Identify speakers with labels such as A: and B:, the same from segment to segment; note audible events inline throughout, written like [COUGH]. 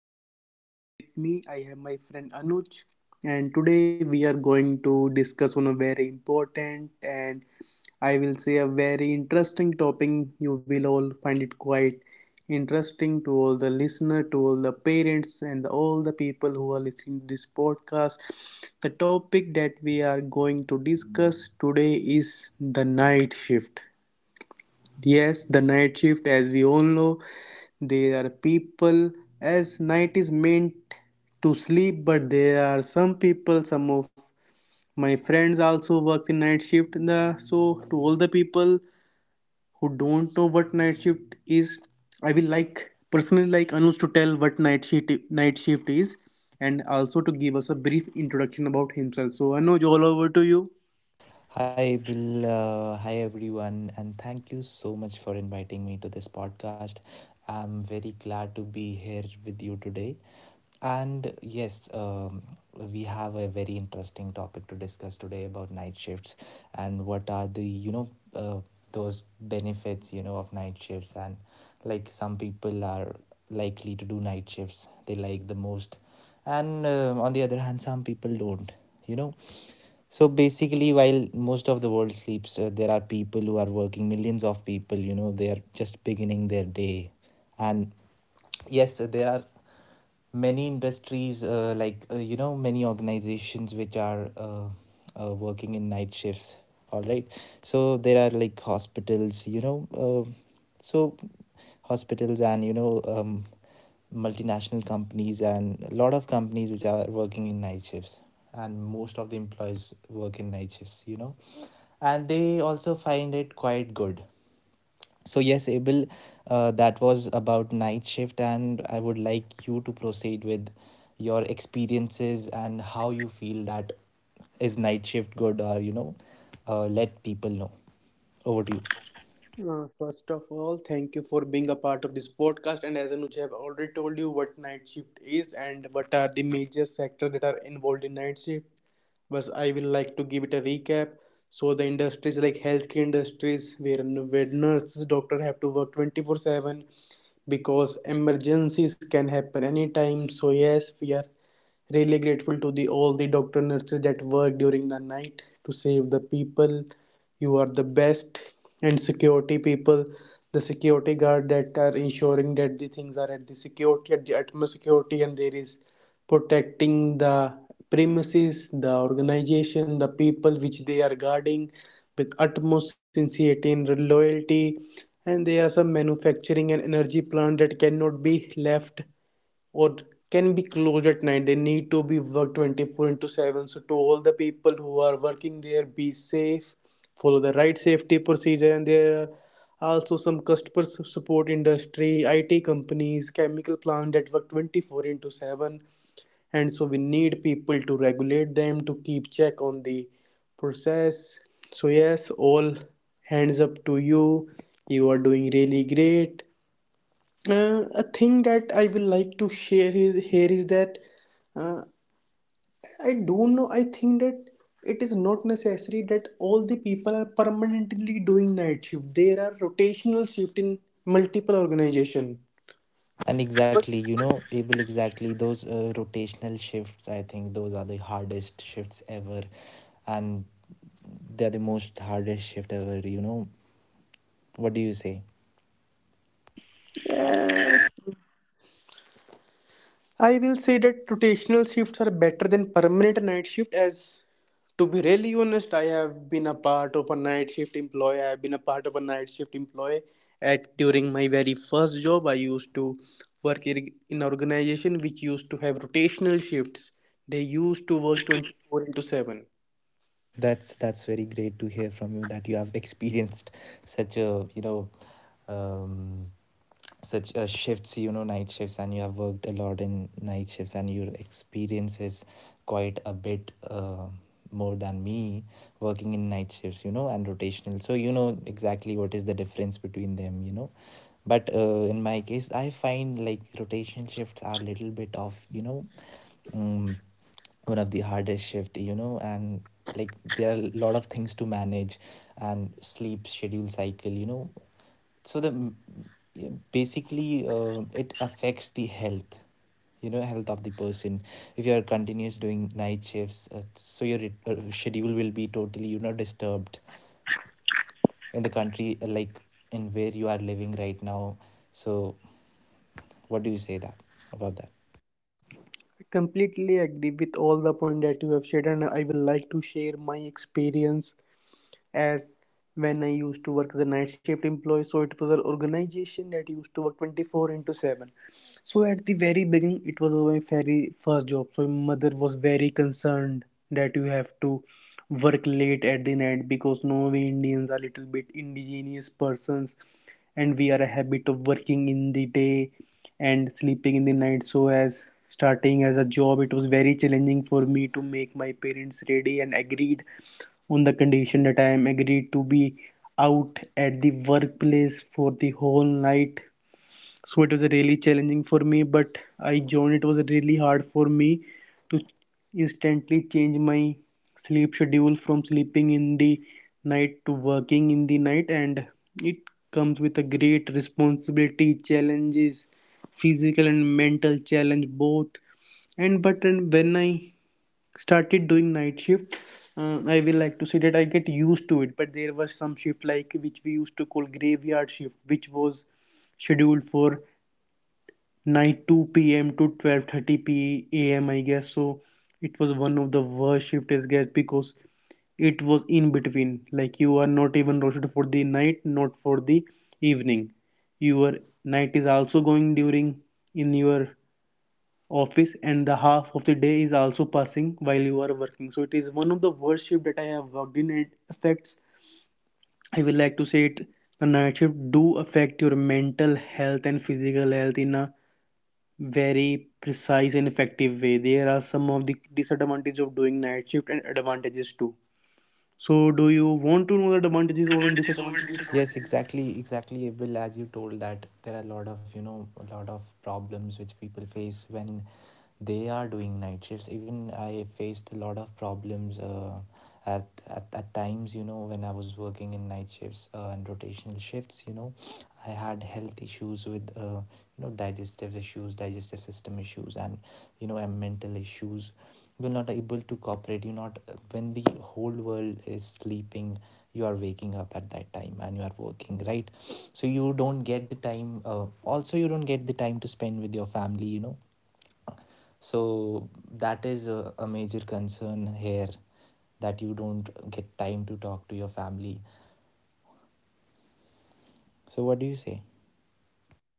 A: is your host Abel, and with me I have my friend Anuj, and today we are going to discuss on a very important and, I will say, a very interesting topic. You will all find it quite interesting. To all the listener, to all the parents and all the people who are listening to this podcast, the topic that we are going to discuss today is the night shift. Yes, the night shift, as we all know, there are people, as night is meant to sleep, but there are some people, some of my friends also works in night shift. The so to all the people who don't know what night shift is, I will like personally like Anuj to tell what night shift is, and also to give us a brief introduction about himself. So Anuj, all over to you.
B: Hi, April. Hi, everyone. And thank you so much for inviting me to this podcast. I'm very glad to be here with you today. And yes, we have a very interesting topic to discuss today about night shifts and what are uh, those benefits, you know, of night shifts. And like some people are likely to do night shifts, they like the most. And on the other hand, some people don't, you know. So basically, while most of the world sleeps, there are people who are working, millions of people, you know, they are just beginning their day. And yes there are many industries you know many organizations which are working in night shifts, all right. So there are like hospitals, you know. Uh, so hospitals and you know, multinational companies and a lot of companies which are working in night shifts, and most of the employees work in night shifts, you know, and they also find it quite good. So, yes, Abel, that was about night shift, and I would like you to proceed with your experiences and how you feel that is night shift good or you know, let people know. Over to you.
A: First of all, thank you for being a part of this podcast. And as Anuj have already told you what night shift is and what are the major sectors that are involved in night shift. But I will like to give it a recap. So the industries like healthcare industries where nurses, doctor have to work 24/7 because emergencies can happen anytime. So yes, we are really grateful to the all the doctor nurses that work during the night to save the people. You are the best. And security people, the security guard that are ensuring that the things are at the security at the utmost security and there is protecting the premises, the organization, the people which they are guarding with utmost sincerity and loyalty. And there are some manufacturing and energy plant that cannot be left or can be closed at night. They need to be worked 24 into 7. So to all the people who are working there, be safe, follow the right safety procedure. And there are also some customer support industry it companies chemical plant that work 24 into 7, and so we need people to regulate them, to keep check on the process. So yes, all hands up to you, you are doing really great. A thing that I will like to share is, here is that uh, I don't know. I think that it is not necessary that all the people are permanently doing night shift. There are rotational shift in multiple organization.
B: And
A: But
B: exactly, you know, Abel, exactly those rotational shifts, I think those are the hardest shifts ever, and they're the most hardest shift ever, you know. What do you say?
A: yeah. I will say that rotational shifts are better than permanent night shift, as to be really honest, I have been a part of a night shift employee. I have been a part of a night shift employee at during my very first job. I used to work in an organization which used to have rotational shifts. They used to work 24 into 7.
B: That's very great to hear from you that you have [LAUGHS] experienced such a you know, um, such shifts, you know, night shifts, and you have worked a lot in night shifts and your experience is quite a bit, more than me working in night shifts, you know, and rotational, so you know exactly what is the difference between them, you know. But in my case I find like rotational shifts are a little bit of you know, um, one of the hardest shift, you know, and like there are a lot of things to manage and sleep schedule cycle, you know. So the yeah, basically uh, it affects the health, you know, health of the person. If you are continuous doing night shifts, so your schedule will be totally you know disturbed in the country, like in where you are living right now. So what do you say that about that?
A: I completely agree with all the point that you have shared, and I will like to share my experience as when I used to work as a night shift employee. So it was an organization that used to work 24 into 7. So at the very beginning, it was my very first job. So my mother was very concerned that you have to work late at the night, because no, we Indians are little bit indigenous persons, and we are a habit of working in the day and sleeping in the night. So as starting as a job, it was very challenging for me to make my parents ready and agreed on the condition that I am agreed to be out at the workplace for the whole night. So it was really challenging for me, but I joined. It was really hard for me to instantly change my sleep schedule from sleeping in the night to working in the night, and it comes with a great responsibility, challenges, physical and mental challenge both. And but when I started doing night shift. I will like to say that I get used to it. But there was some shift like which we used to call graveyard shift, which was scheduled for night 2 p.m to 12:30 p.m., I guess. So it was one of the worst shift I guess, because it was in between. Like, you are not even rotated for the night, not for the evening. Your night is also going during in your office, and the half of the day is also passing while you are working. So it is one of the worst shift that I have worked in. It affects, I will like to say it, the night shift do affect your mental health and physical health in a very precise and effective way. There are some of the disadvantages of doing night shift and advantages too. So do you want to know the
B: Want to know the
A: advantages or
B: advantages over disadvantages.
A: disadvantages?
B: Yes, exactly, exactly. Will, as you told that there are a lot of you know, a lot of problems which people face when they are doing night shifts. Even I faced a lot of problems, at times, you know, when I was working in night shifts, and rotational shifts, you know. I had health issues with, you know, digestive issues digestive system issues, and you know, and mental issues. Will not able to cooperate you not. When the whole world is sleeping, you are waking up at that time and you are working, right? So you don't get the time also you don't get the time to spend with your family, you know. So that is a major concern here, that you don't get time to talk to your family. So what do you say?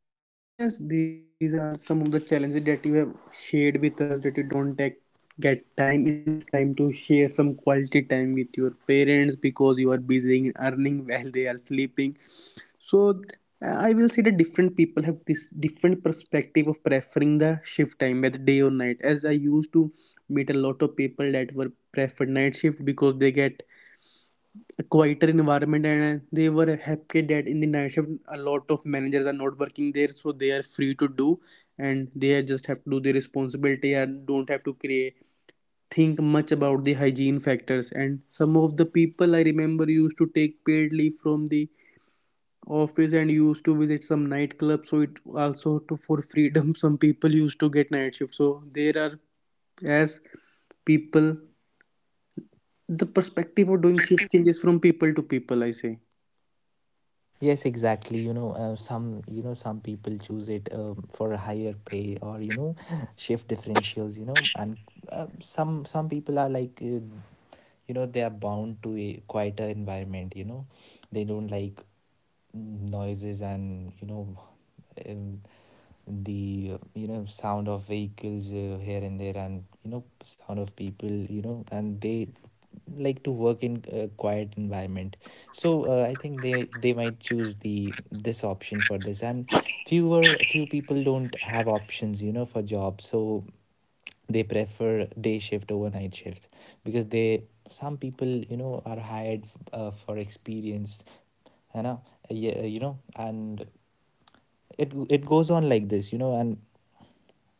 A: Yes, these are some of the challenges that you have shared with us, that you don't take, get time enough time to share some quality time with your parents because you are busy in earning while they are sleeping. So I will say that different people have this different perspective of preferring the shift time, whether day or night. As I used to meet a lot of people that were preferred night shift because they get a quieter environment, and they were happy that in the night shift a lot of managers are not working there, so they are free to do, and they are just have to do their responsibility and don't have to create think much about the hygiene factors. And some of the people I remember used to take paid leave from the office and used to visit some nightclubs, so it also to for freedom [LAUGHS] some people used to get night shift. So there are, as people, the
B: Perspective.
A: perspective of doing shift changes from people to people, I say.
B: Yes, exactly. You know, some you know some people choose it, for a higher pay or you know [LAUGHS] shift differentials. You know, and some some people are like you know they are bound to a quieter environment. You know, they don't like noises and you know, um, the you know sound of vehicles, here and there, and you know sound of people, you know, and they like to work in a quiet environment. So I think they might choose the this option for this. And fewer, few people don't have options, you know, for jobs, so they prefer day shift over night shifts because they, some people, you know, are hired for experience, you know. Yeah, you know, and it goes on like this, you know. And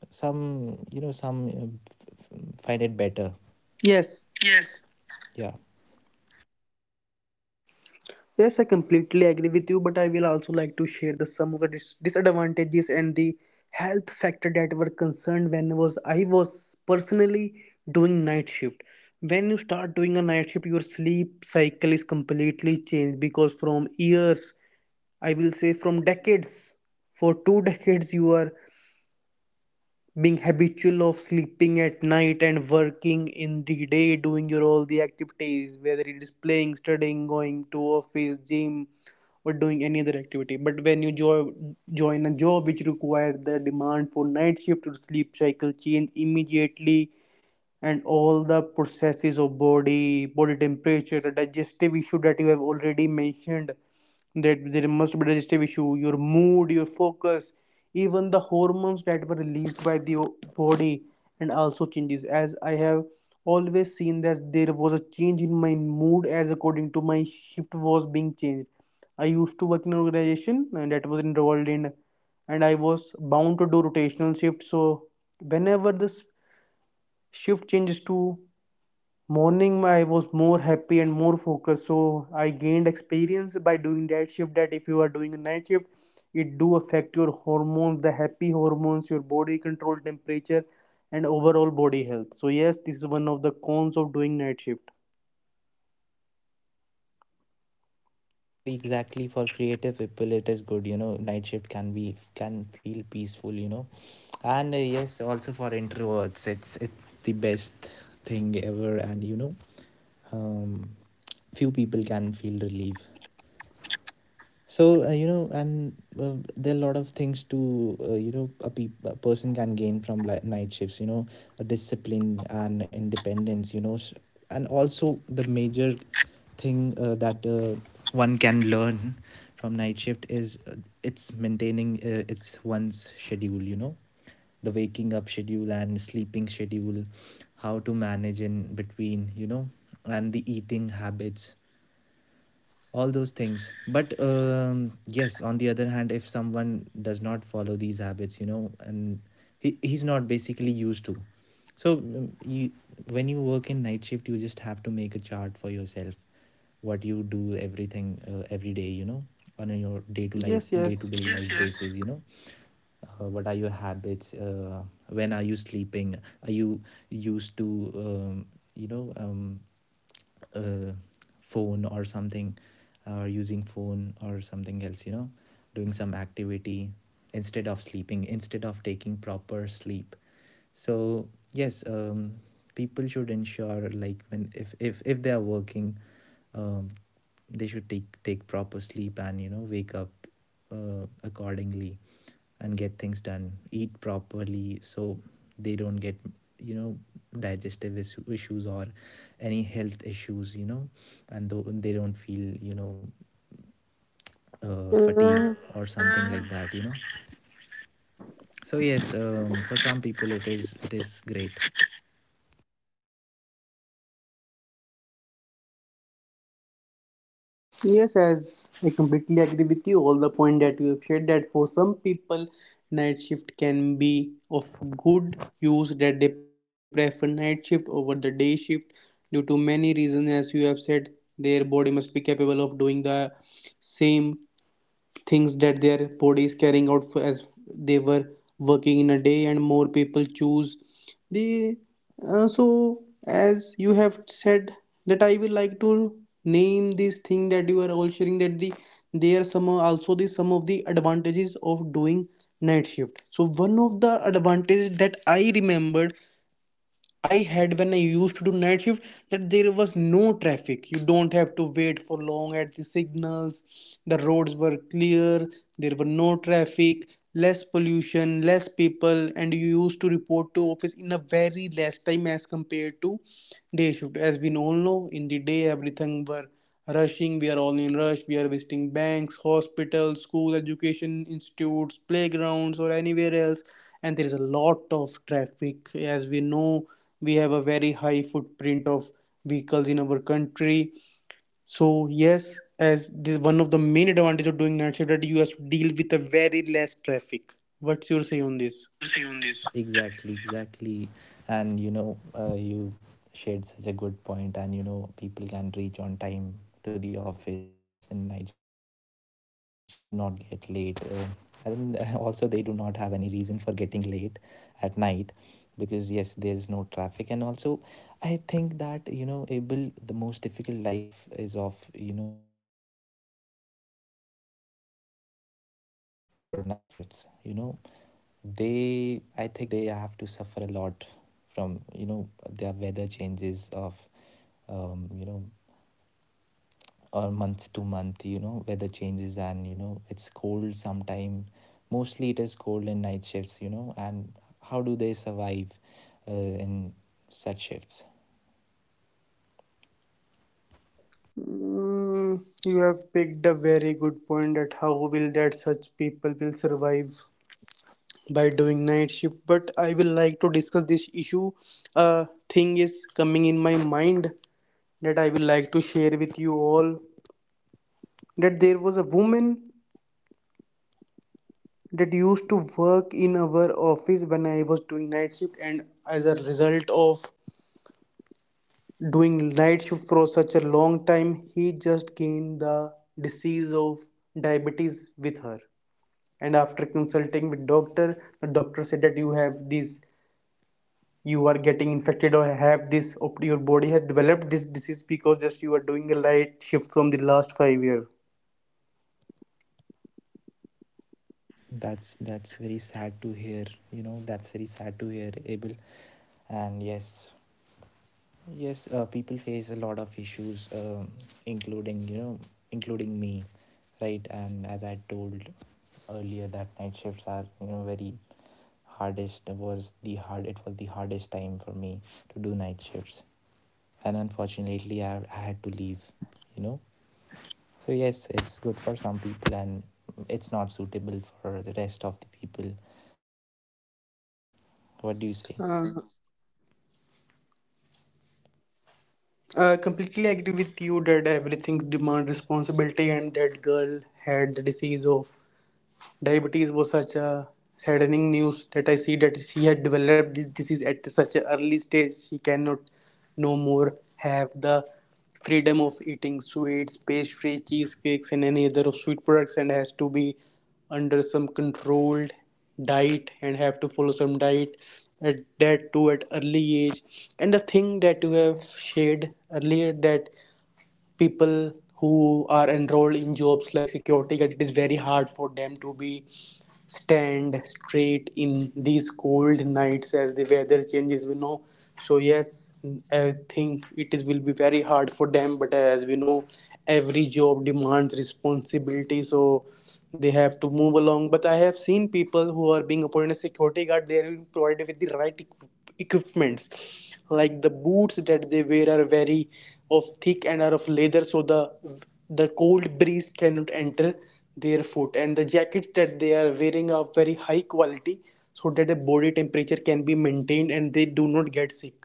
B: some you know some find it better.
A: Yes.
B: Yes. Yeah.
A: Yes, I completely agree with you, but I will also like to share the some of the disadvantages and the health factor that were concerned when was I was personally doing night shift. When you start doing a night shift, your sleep cycle is completely changed, because from years, I will say from decades, for 2 decades, you are being habitual of sleeping at night and working in the day doing your all the activities, whether it is playing studying going to office gym or doing any other activity. But when you join a job which requires the demand for night shift, your sleep cycle change immediately, and all the processes of body temperature, the digestive issue that you have already mentioned, that there must be digestive issue, your mood, your focus, even the hormones that were released by the body and also changes. As I have always seen that there was a change in my mood as according to my shift was being changed. I used to work in an organization and that was involved in, and I was bound to do rotational shift. So whenever this shift changes to morning, I was more happy and more focused. So I gained experience by doing that shift that if you are doing a night shift, it do affect your hormones, the happy hormones, your body control temperature and overall body health. So yes, this is one of the cons of doing night shift.
B: Yeah, exactly, exactly. For creative people, it is good. You know, night shift can be, can feel peaceful. You know, and yes, also for introverts, it's the best thing ever. And you know, um, few people can feel relief. So, you know, and there are a lot of things to, you know, a person can gain from night shifts, you know, a discipline and independence, you know, and also the major thing that one can learn from night shift is, it's maintaining, its one's schedule, you know, the waking up schedule and sleeping schedule, how to manage in between, you know, and the eating habits, all those things. But yes, on the other hand, if someone does not follow these habits, you know, and he's not basically used to. So when you work in night shift, you just have to make a chart for yourself, what you do everything every day, you know, on your
A: Yes,
B: day to day
A: yes.
B: life, Yes, yes. basis, you know. What are your habits, when are you sleeping? Are you used to you know um, uh, phone or something, or using phone or something else, you know, doing some activity instead of sleeping, instead of taking proper sleep. So yes, people should ensure like when if they are working, um, they should take proper sleep, and you know wake up accordingly, and get things done, eat properly, so they don't get, you know, digestive issues or any health issues, you know, and they don't feel, you know,
A: Yeah.
B: fatigue or something like that, you know. So yes, for some people it is, it is great.
A: Yes, as I completely agree with you, all the point that you have shared, that for some people night shift can be of good use, that they prefer night shift over the day shift due to many reasons, as you have said. Their body must be capable of doing the same things that their body is carrying out for, as they were working in a day, and more people choose the, so as you have said, that I will like to name this thing that you are all sharing, that the there are some also the some of the advantages of doing night shift. So one of the advantages that I remembered I had when I used to do night shift, that there was no traffic. You don't have to wait for long at the signals. The roads were clear, there were no traffic, less pollution, less people, and you used to report to office in a very less time as compared to day shift. As we all know, in the day everything were rushing, we are all in rush, we are visiting banks, hospitals, school, education institutes, playgrounds or anywhere else, and there is a lot of traffic. As we know, we have a very high footprint of vehicles in our country. So yes, as this one of the main advantage of doing night shift that you have to deal with a very less traffic. What's your say on this?
B: Exactly, exactly. And you know, you shared such a good point, and you know, people can reach on time to the office in night shifts, and they do not get late, and [LAUGHS] also they do not have any reason for getting late at night, because yes, there's no traffic. And also I think that you know, able the most difficult life is of you know, the guards who are working outside for night shifts, you know. They, I think they have to suffer a lot from you know their weather changes of, you know, or month to month, you know, weather changes. And you know, it's cold sometime, mostly it is cold in night shifts, you know. And how do they survive in such shifts?
A: Mm, you have picked a very good point that how will that such people will survive by doing night shift, but I will like to discuss this issue. Thing is coming in my mind that I will like to share with you all, that there was a
B: that
A: woman
B: yes, there yes. was a woman.
A: that used to work in our office when I was doing night shift, and as a result of doing night shift for such a long time he just gained the disease of diabetes with her. And after consulting with doctor, the doctor said that you have these, you are getting infected or have this, your body has developed this disease because just you are doing a light shift from the last 5 year.
B: That's very sad to hear, you know. That's very sad to hear, Abel. And yes, yes, people face a lot of issues, um, including you know, including me, right? And as I told earlier, that night shifts are you know very, hardest was the hard it was the hardest time for me to do night shifts. And unfortunately I had to leave, you know. So yes, it's good for some people, and it's not suitable for the rest of the people. What do you say?
A: uh, I completely agree with you that everything demand responsibility, and that girl had the disease of diabetes, was such a saddening news that I see that she had developed this disease at such an early stage. She cannot no more have the freedom of eating sweets, pastry, cheesecakes, and any other of sweet products, and has to be under some controlled diet and have to follow some diet at that too at early age. And the thing that you have shared earlier, that people who are enrolled in jobs like security guard, it is very hard for them to be stand straight in these cold nights as the weather changes we know. So yes, I think it is will be very hard for them, but as we know every job demands responsibility, so they have to move along. But I have seen people who are being appointed as security guard, they are being provided with the right equipments, like the boots that they wear are very of thick and are of leather, so the cold breeze cannot enter their foot, and the jackets that they are wearing are very high quality so that the body temperature can be maintained and they do not get sick.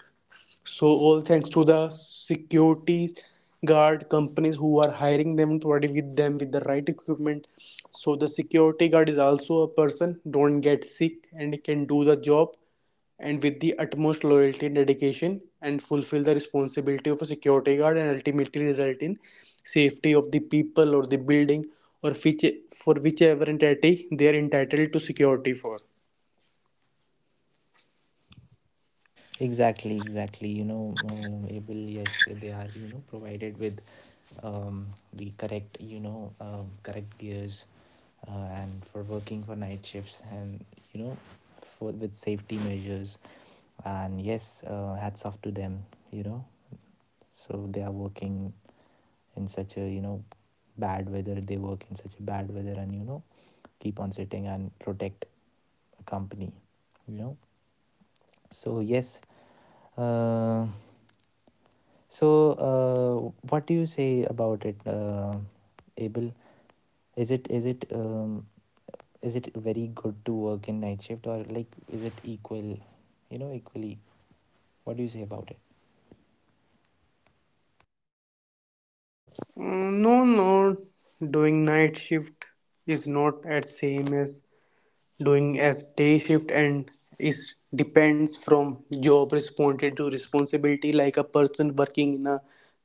A: So all thanks to the security guard companies who are hiring them, providing with them with the right equipment. So the security guard is also a person, don't get sick and can do the job, and with the utmost loyalty and dedication and fulfill the responsibility of a security guard and ultimately result in safety of the people or the building, or which, for whichever entity they are entitled to security for.
B: Exactly, exactly. You know, able yes, they are you know provided with, um, the correct, you know, correct gears, and for working for night shifts, and you know, for with safety measures. And yes, hats off to them, you know. So they are working in such a you know bad weather, they work in such a bad weather, and you know, keep on sitting and protect a company, you know. So yes, uh, so what do you say about it, Abel? Is it, is it very good to work in night shift, or like, is it equal, you know, equally? What do you say about it?
A: Mm, no, no, doing night shift is not at same as doing as day shift, and is depends from job responsibility to responsibility, like a person working in a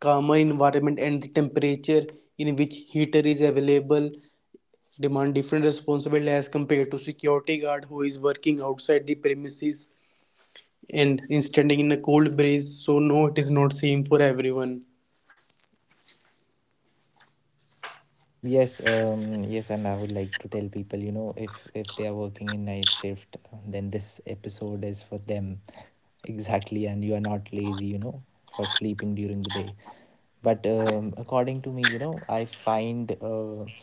A: calmer environment and the temperature in which heater is available demand different responsibility as compared to security guard who is working outside the premises and is standing in a cold breeze. So no, it is not same for everyone.
B: Yes, um, yes, and I would like to tell people, you know, if they are working in night shift, then this episode is for them. Exactly, and you are not lazy, you know, for sleeping during the day. But according to me, you know, I find,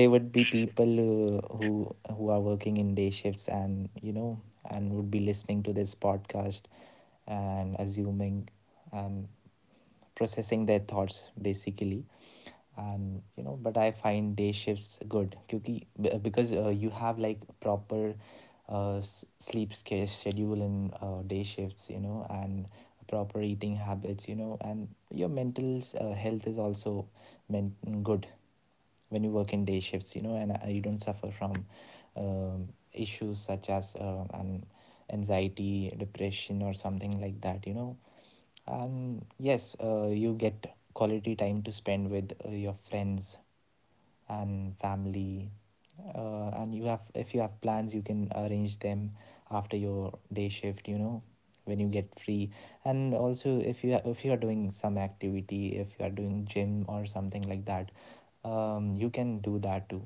B: there would be people, who who are working in day shifts, and you know, and would be listening to this podcast and assuming and processing their thoughts, basically. And you know, but I find day shifts good, क्योंकि because you have like proper sleep scare schedule in day shifts, you know, and proper eating habits, you know, and your mental health is also men good when you work in day shifts, you know. And you don't suffer from, issues such as an anxiety depression, or something like that, you know. And yes, you get quality time to spend With your friends and family. And you have, if you have plans, you can arrange them after your day shift, you know, when you get free. And also if you are doing some activity, if you are doing gym or something like that, you can do that too.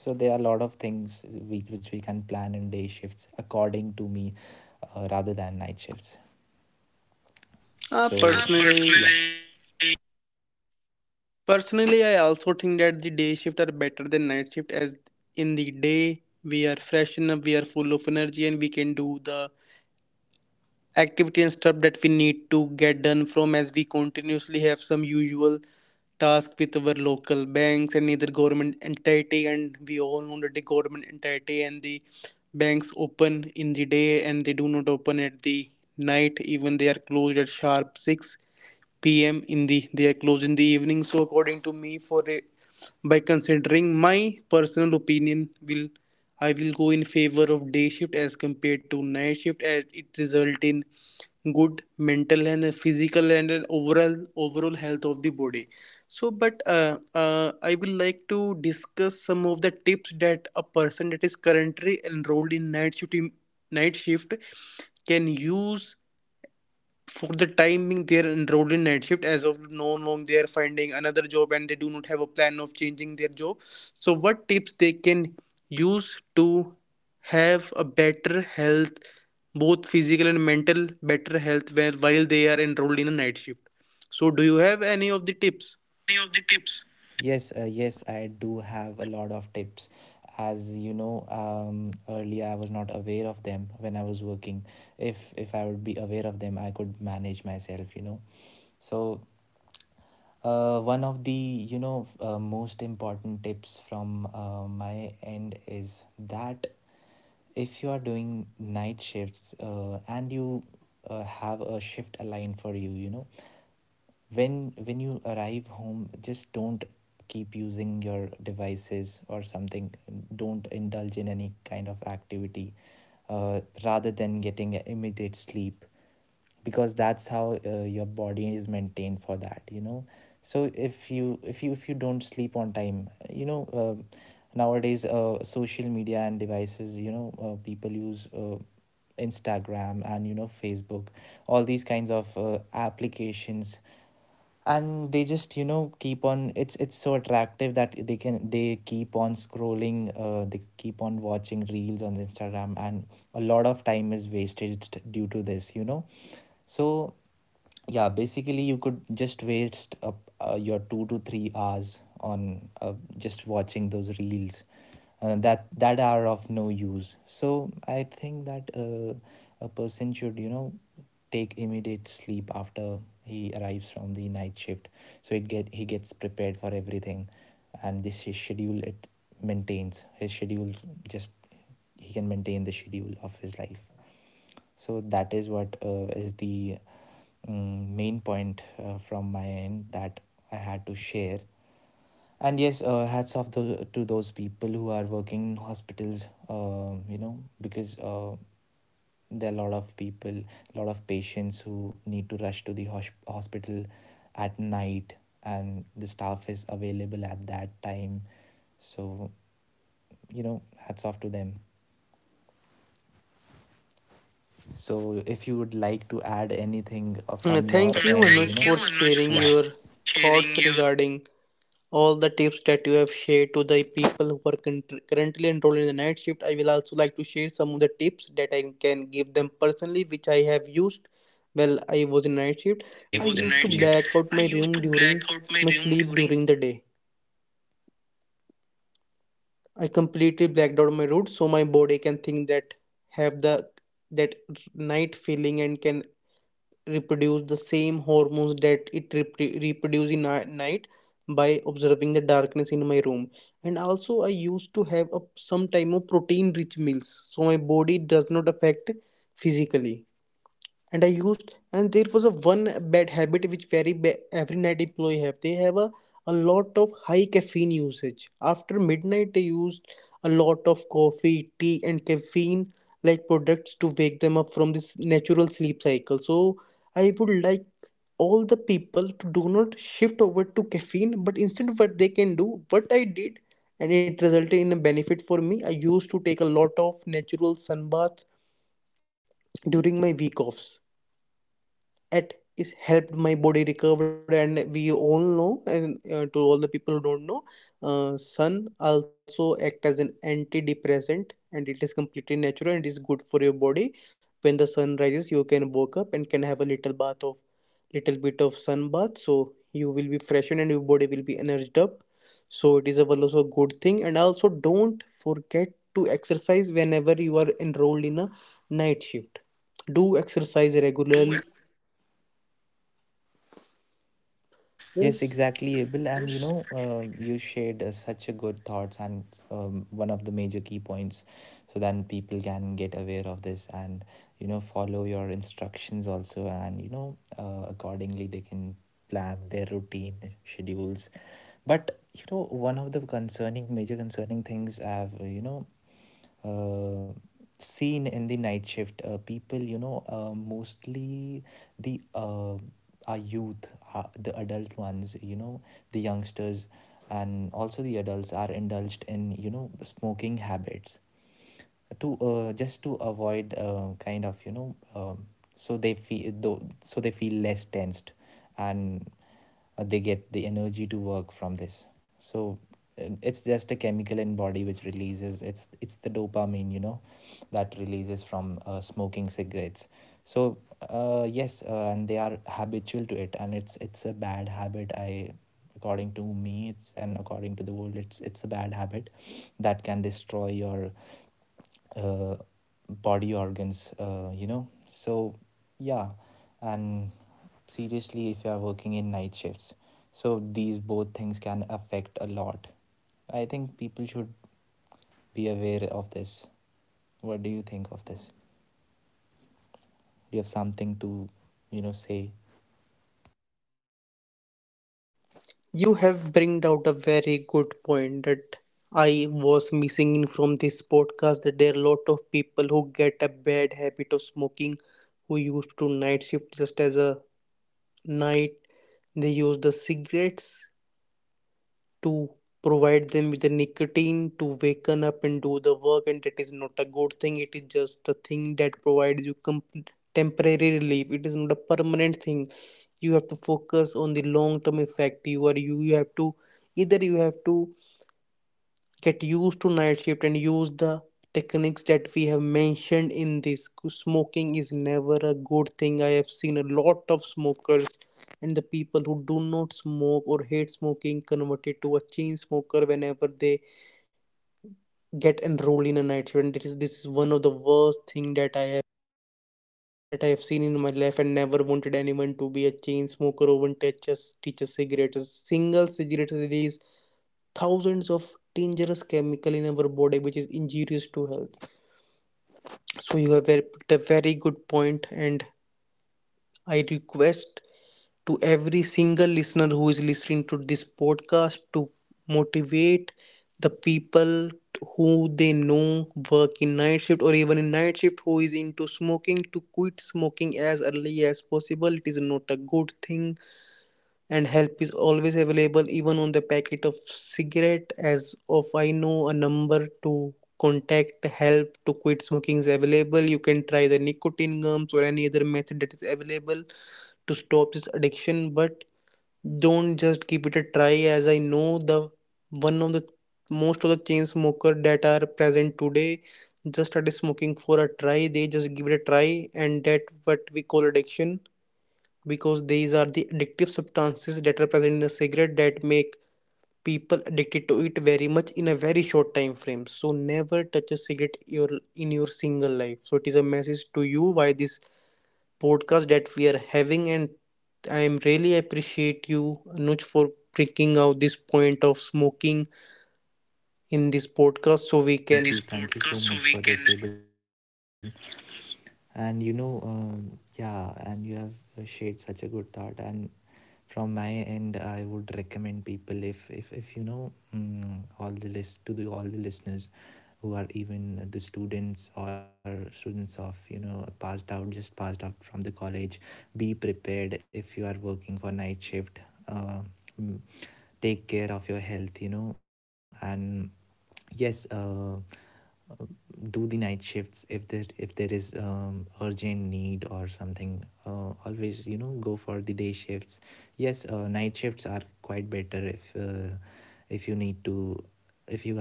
B: So there are a lot of things which we can plan in day shifts, according to me, rather than night shifts.
A: uh,
B: So personally,
A: personally
B: yeah.
A: Personally, I also think that the day shift are better than night shift, as in the day we are fresh enough, we are full of energy, and we can do the activity and stuff that we need to get done from, as we continuously have some usual task with our local banks and either government entity, and we all know that the government entity and the banks open in the day and they do not open at the night, even they are closed at sharp 6 p.m. in the, they are closed in the evening. So according to me, by considering my personal opinion, will I will go in favor of day shift as compared to night shift as it result in good mental and physical and overall health of the body. So, but I will like to discuss some of the tips that a person that is currently enrolled in night shift can use for the time being they are enrolled in night shift as of now, long they are finding another job and they do not have a plan of changing their job. So what tips they can use to have a better health, both physical and mental, better health while they are enrolled in a night shift? So do you have any of the tips?
B: Any of the tips? Yes, yes, I do have a lot of tips. As you know, earlier I was not aware of them when I was working. If I would be aware of them, I could manage myself, you know. So, one of the, you know, most important tips from my end is that if you are doing night shifts and you have a shift aligned for you, you know, when when you arrive home, just don't keep using your devices or something. Don't indulge in any kind of activity rather than getting immediate sleep, because that's how your body is maintained for that, you know. So if you don't sleep on time, you know, nowadays social media and devices, you know, people use, Instagram and, you know, Facebook, all these kinds of applications. And they just, you know, keep on, it's so attractive that they keep on scrolling, they keep on watching reels on Instagram, and a lot of time is wasted due to this, you know. So yeah, basically you could just waste up, your 2 to 3 hours on just watching those reels that that are of no use. So I think that a person should, you know, take immediate sleep after he arrives from the night shift, so it get he gets prepared for everything. And this is schedule it maintains his schedules, just he can maintain the schedule of his life. So that is what is the main point from my end that I had to share. And yes, hats off to those people who are working in hospitals, you know, because there are a lot of people, a lot of patients who need to rush to the hospital at night, and the staff is available at that time. So, you know, hats off to them. So if you would like to add anything from your
A: Thank you,
B: End,
A: Anuj,
B: thank you.
A: for
B: Know you, Anuj,
A: sharing
B: for yeah
A: your thoughts
B: sharing your.
A: regarding all the tips that you have shared to the people who are currently enrolled in the night shift. I will also like to share some of the tips that I can give them personally, which I have used while I was in night shift.
B: Exactly. Well, exactly I
A: I
B: yes was yes
A: used to
B: night shift.
A: black out
B: I
A: my
B: used
A: room
B: to black
A: during
B: out my
A: my
B: room
A: sleep
B: during
A: during the day. I completely blacked out my route so my body can think that have the, that night feeling, and can reproduce the same hormones that it reproduce in night by observing the darkness in my room. And also I used to have some time of protein rich meals so my body does not affect physically. And I used and there was a one bad habit which every night employee have, they have a lot of high caffeine usage after midnight. They used a lot of coffee, tea and caffeine like products to wake them up from this natural sleep cycle. So I would like all the people to do not shift over to caffeine, but instead what they can do what I did, and it resulted in a benefit for me. I used to take a lot of natural sun bath during my week offs. It is helped my body recover, and we all know, and to all the people who don't know, sun also act as an antidepressant and it is completely natural and is good for your body. When the sun rises you can wake up and can have a little bath of little bit of sun bath, so you will be freshened and your body will be energized up. So it is a well also a good thing. And also don't forget to exercise whenever you are enrolled in a night shift. Do exercise regularly.
B: do. Yes,
A: Yes,
B: exactly, Abel. And you know, you shared such a good thoughts and, one of the major key points, so then people can get aware of this and, you know, follow your instructions also, and you know, accordingly they can plan their routine schedules. But you know, one of the concerning major concerning things I've uh, seen in the night shift people, you know, mostly the our youth, the adult ones, you know, the youngsters, and also the adults are indulged in, you know, smoking habits to, just to avoid kind of, you know. So they feel though, so they feel less tensed, and they get the energy to work from this. So it's just a chemical in body which releases, it's the dopamine, you know, that releases from smoking cigarettes. So yes, and they are habitual to it, and it's a bad habit. I, according to me, it's, and according to the world, it's a bad habit that can destroy your uh, body organs, you know. So yeah, and seriously, if you are working in night shifts, so these both things can affect a lot. I think people should be aware of this. What do you think of this? Do you have something to, you know, say?
A: you have bringed out a very good point that I was missing in from this podcast, that there are a lot of people who get a bad habit of smoking, who used to night shift just as a night. They use the cigarettes to provide them with the nicotine to waken up and do the work, and that is not a good thing, it is just a thing that provides you temporary relief, it is not a permanent thing. You have to focus on the long term effect. You have to, either you have to get used to night shift and use the techniques that we have mentioned in this. Smoking is never a good thing. I have seen a lot of smokers, and the people who do not smoke or hate smoking converted to a chain smoker whenever they get enrolled in a night shift, and this is one of the worst thing that I have seen in my life, and never wanted anyone to be a chain smoker or even touch a cigarette. A single cigarette release thousands of dangerous chemical in our body which is injurious to health. So you have picked a very good point, and I request to every single listener who is listening to this podcast to motivate the people who they know work in night shift or even in night shift who is into smoking to quit smoking as early as possible. It is not a good thing, and help is always available even on the packet of cigarette. As of I know, a number to contact help to quit smoking is available. You can try the nicotine gums or any other method that is available to stop this addiction. But don't just give it a try, as I know the one of the most of the chain smoker that are present today just started smoking for a try. They just give it a try, and that what we call addiction, because these are the addictive substances that are present in a cigarette that make people addicted to it very much in a very short time frame. So never touch a cigarette your in your single life. So it is a message to you by this podcast that we are having, and I am really appreciate you, Anuj, for bringing out this point of smoking in this podcast so we can.
B: Thank you, thank you so so much for this, Abel. And you know, yeah, and you have shared such a good thought. And from my end, I would recommend people, if you know, all the list, to the all the listeners who are even the students or students of, you know, passed out, just passed out from the college, be prepared if you are working for night shift. uh, mm, Take care of your health, you know. And yes, uh, do the night shifts if there is urgent need or something. Always, you know, go for the day shifts. Yes, night shifts are quite better if, if you need to,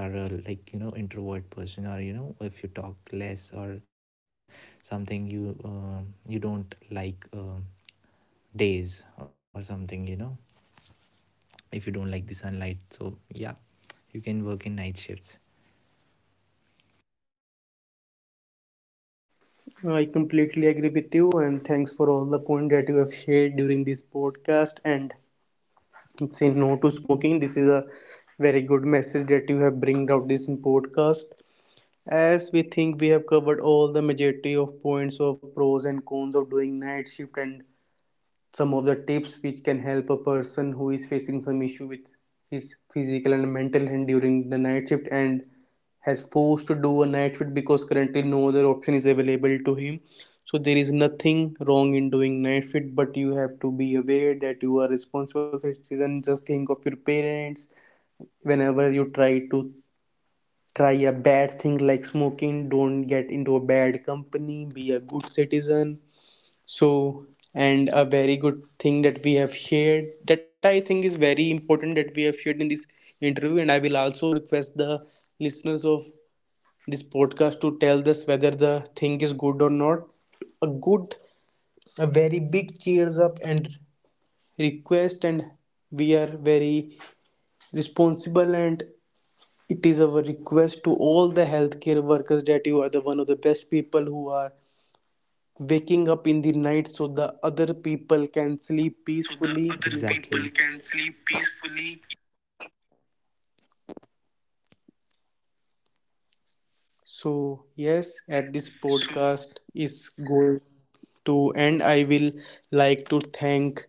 B: if you are a, like, you know, introvert person, or you know, if you talk less or something, you, you don't like, days or something, you know, if you don't like the sunlight. So yeah, you can work in night shifts.
A: I completely agree with you, and thanks for all the point that you have shared during this podcast, and say no to smoking. This is a very good message that you have bring out this in podcast. As we think we have covered all the majority of points of pros and cons of doing night shift, and some of the tips which can help a person who is facing some issue with his physical and mental health during the night shift, and has forced to do a night shift because currently no other option is available to him. So there is nothing wrong in doing night shift, but you have to be aware that you are responsible citizen. Just think of your parents whenever you try a bad thing like smoking. Don't get into a bad company, be a good citizen. So, and a very good thing that we have shared, that I think is very important that we have shared in this interview. And I will also request the listeners of this podcast to tell us whether the thing is good or not. A good, a very big cheers up and request, and we are very responsible, and it is our request to all the healthcare workers that you are the one of the best people who are waking up in the night so the other people can sleep
B: So the
A: peacefully.
B: other,
A: You
B: exactly,
A: are
B: people
A: doing
B: can sleep peacefully.
A: So, yes, at this
B: So,
A: podcast is
B: yes,
A: going to end. I will like to thank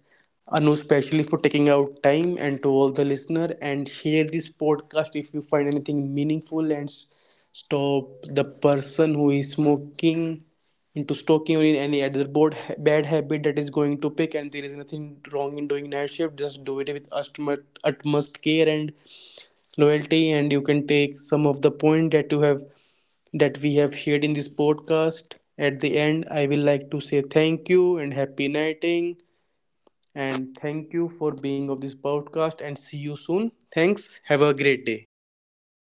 A: Anu specially for taking out time and to all the listener, and share this podcast if you find anything meaningful, and stop the person who is smoking into smoking or in any other bad habit that is going to pick. And there is nothing wrong in doing night shift, just do it with utmost, utmost care and loyalty, and you can take some of the point that we have shared in this podcast. At the end, I will like to say thank you and happy nighting. And thank you for being of this podcast, and see you soon. Thanks. Have a great day.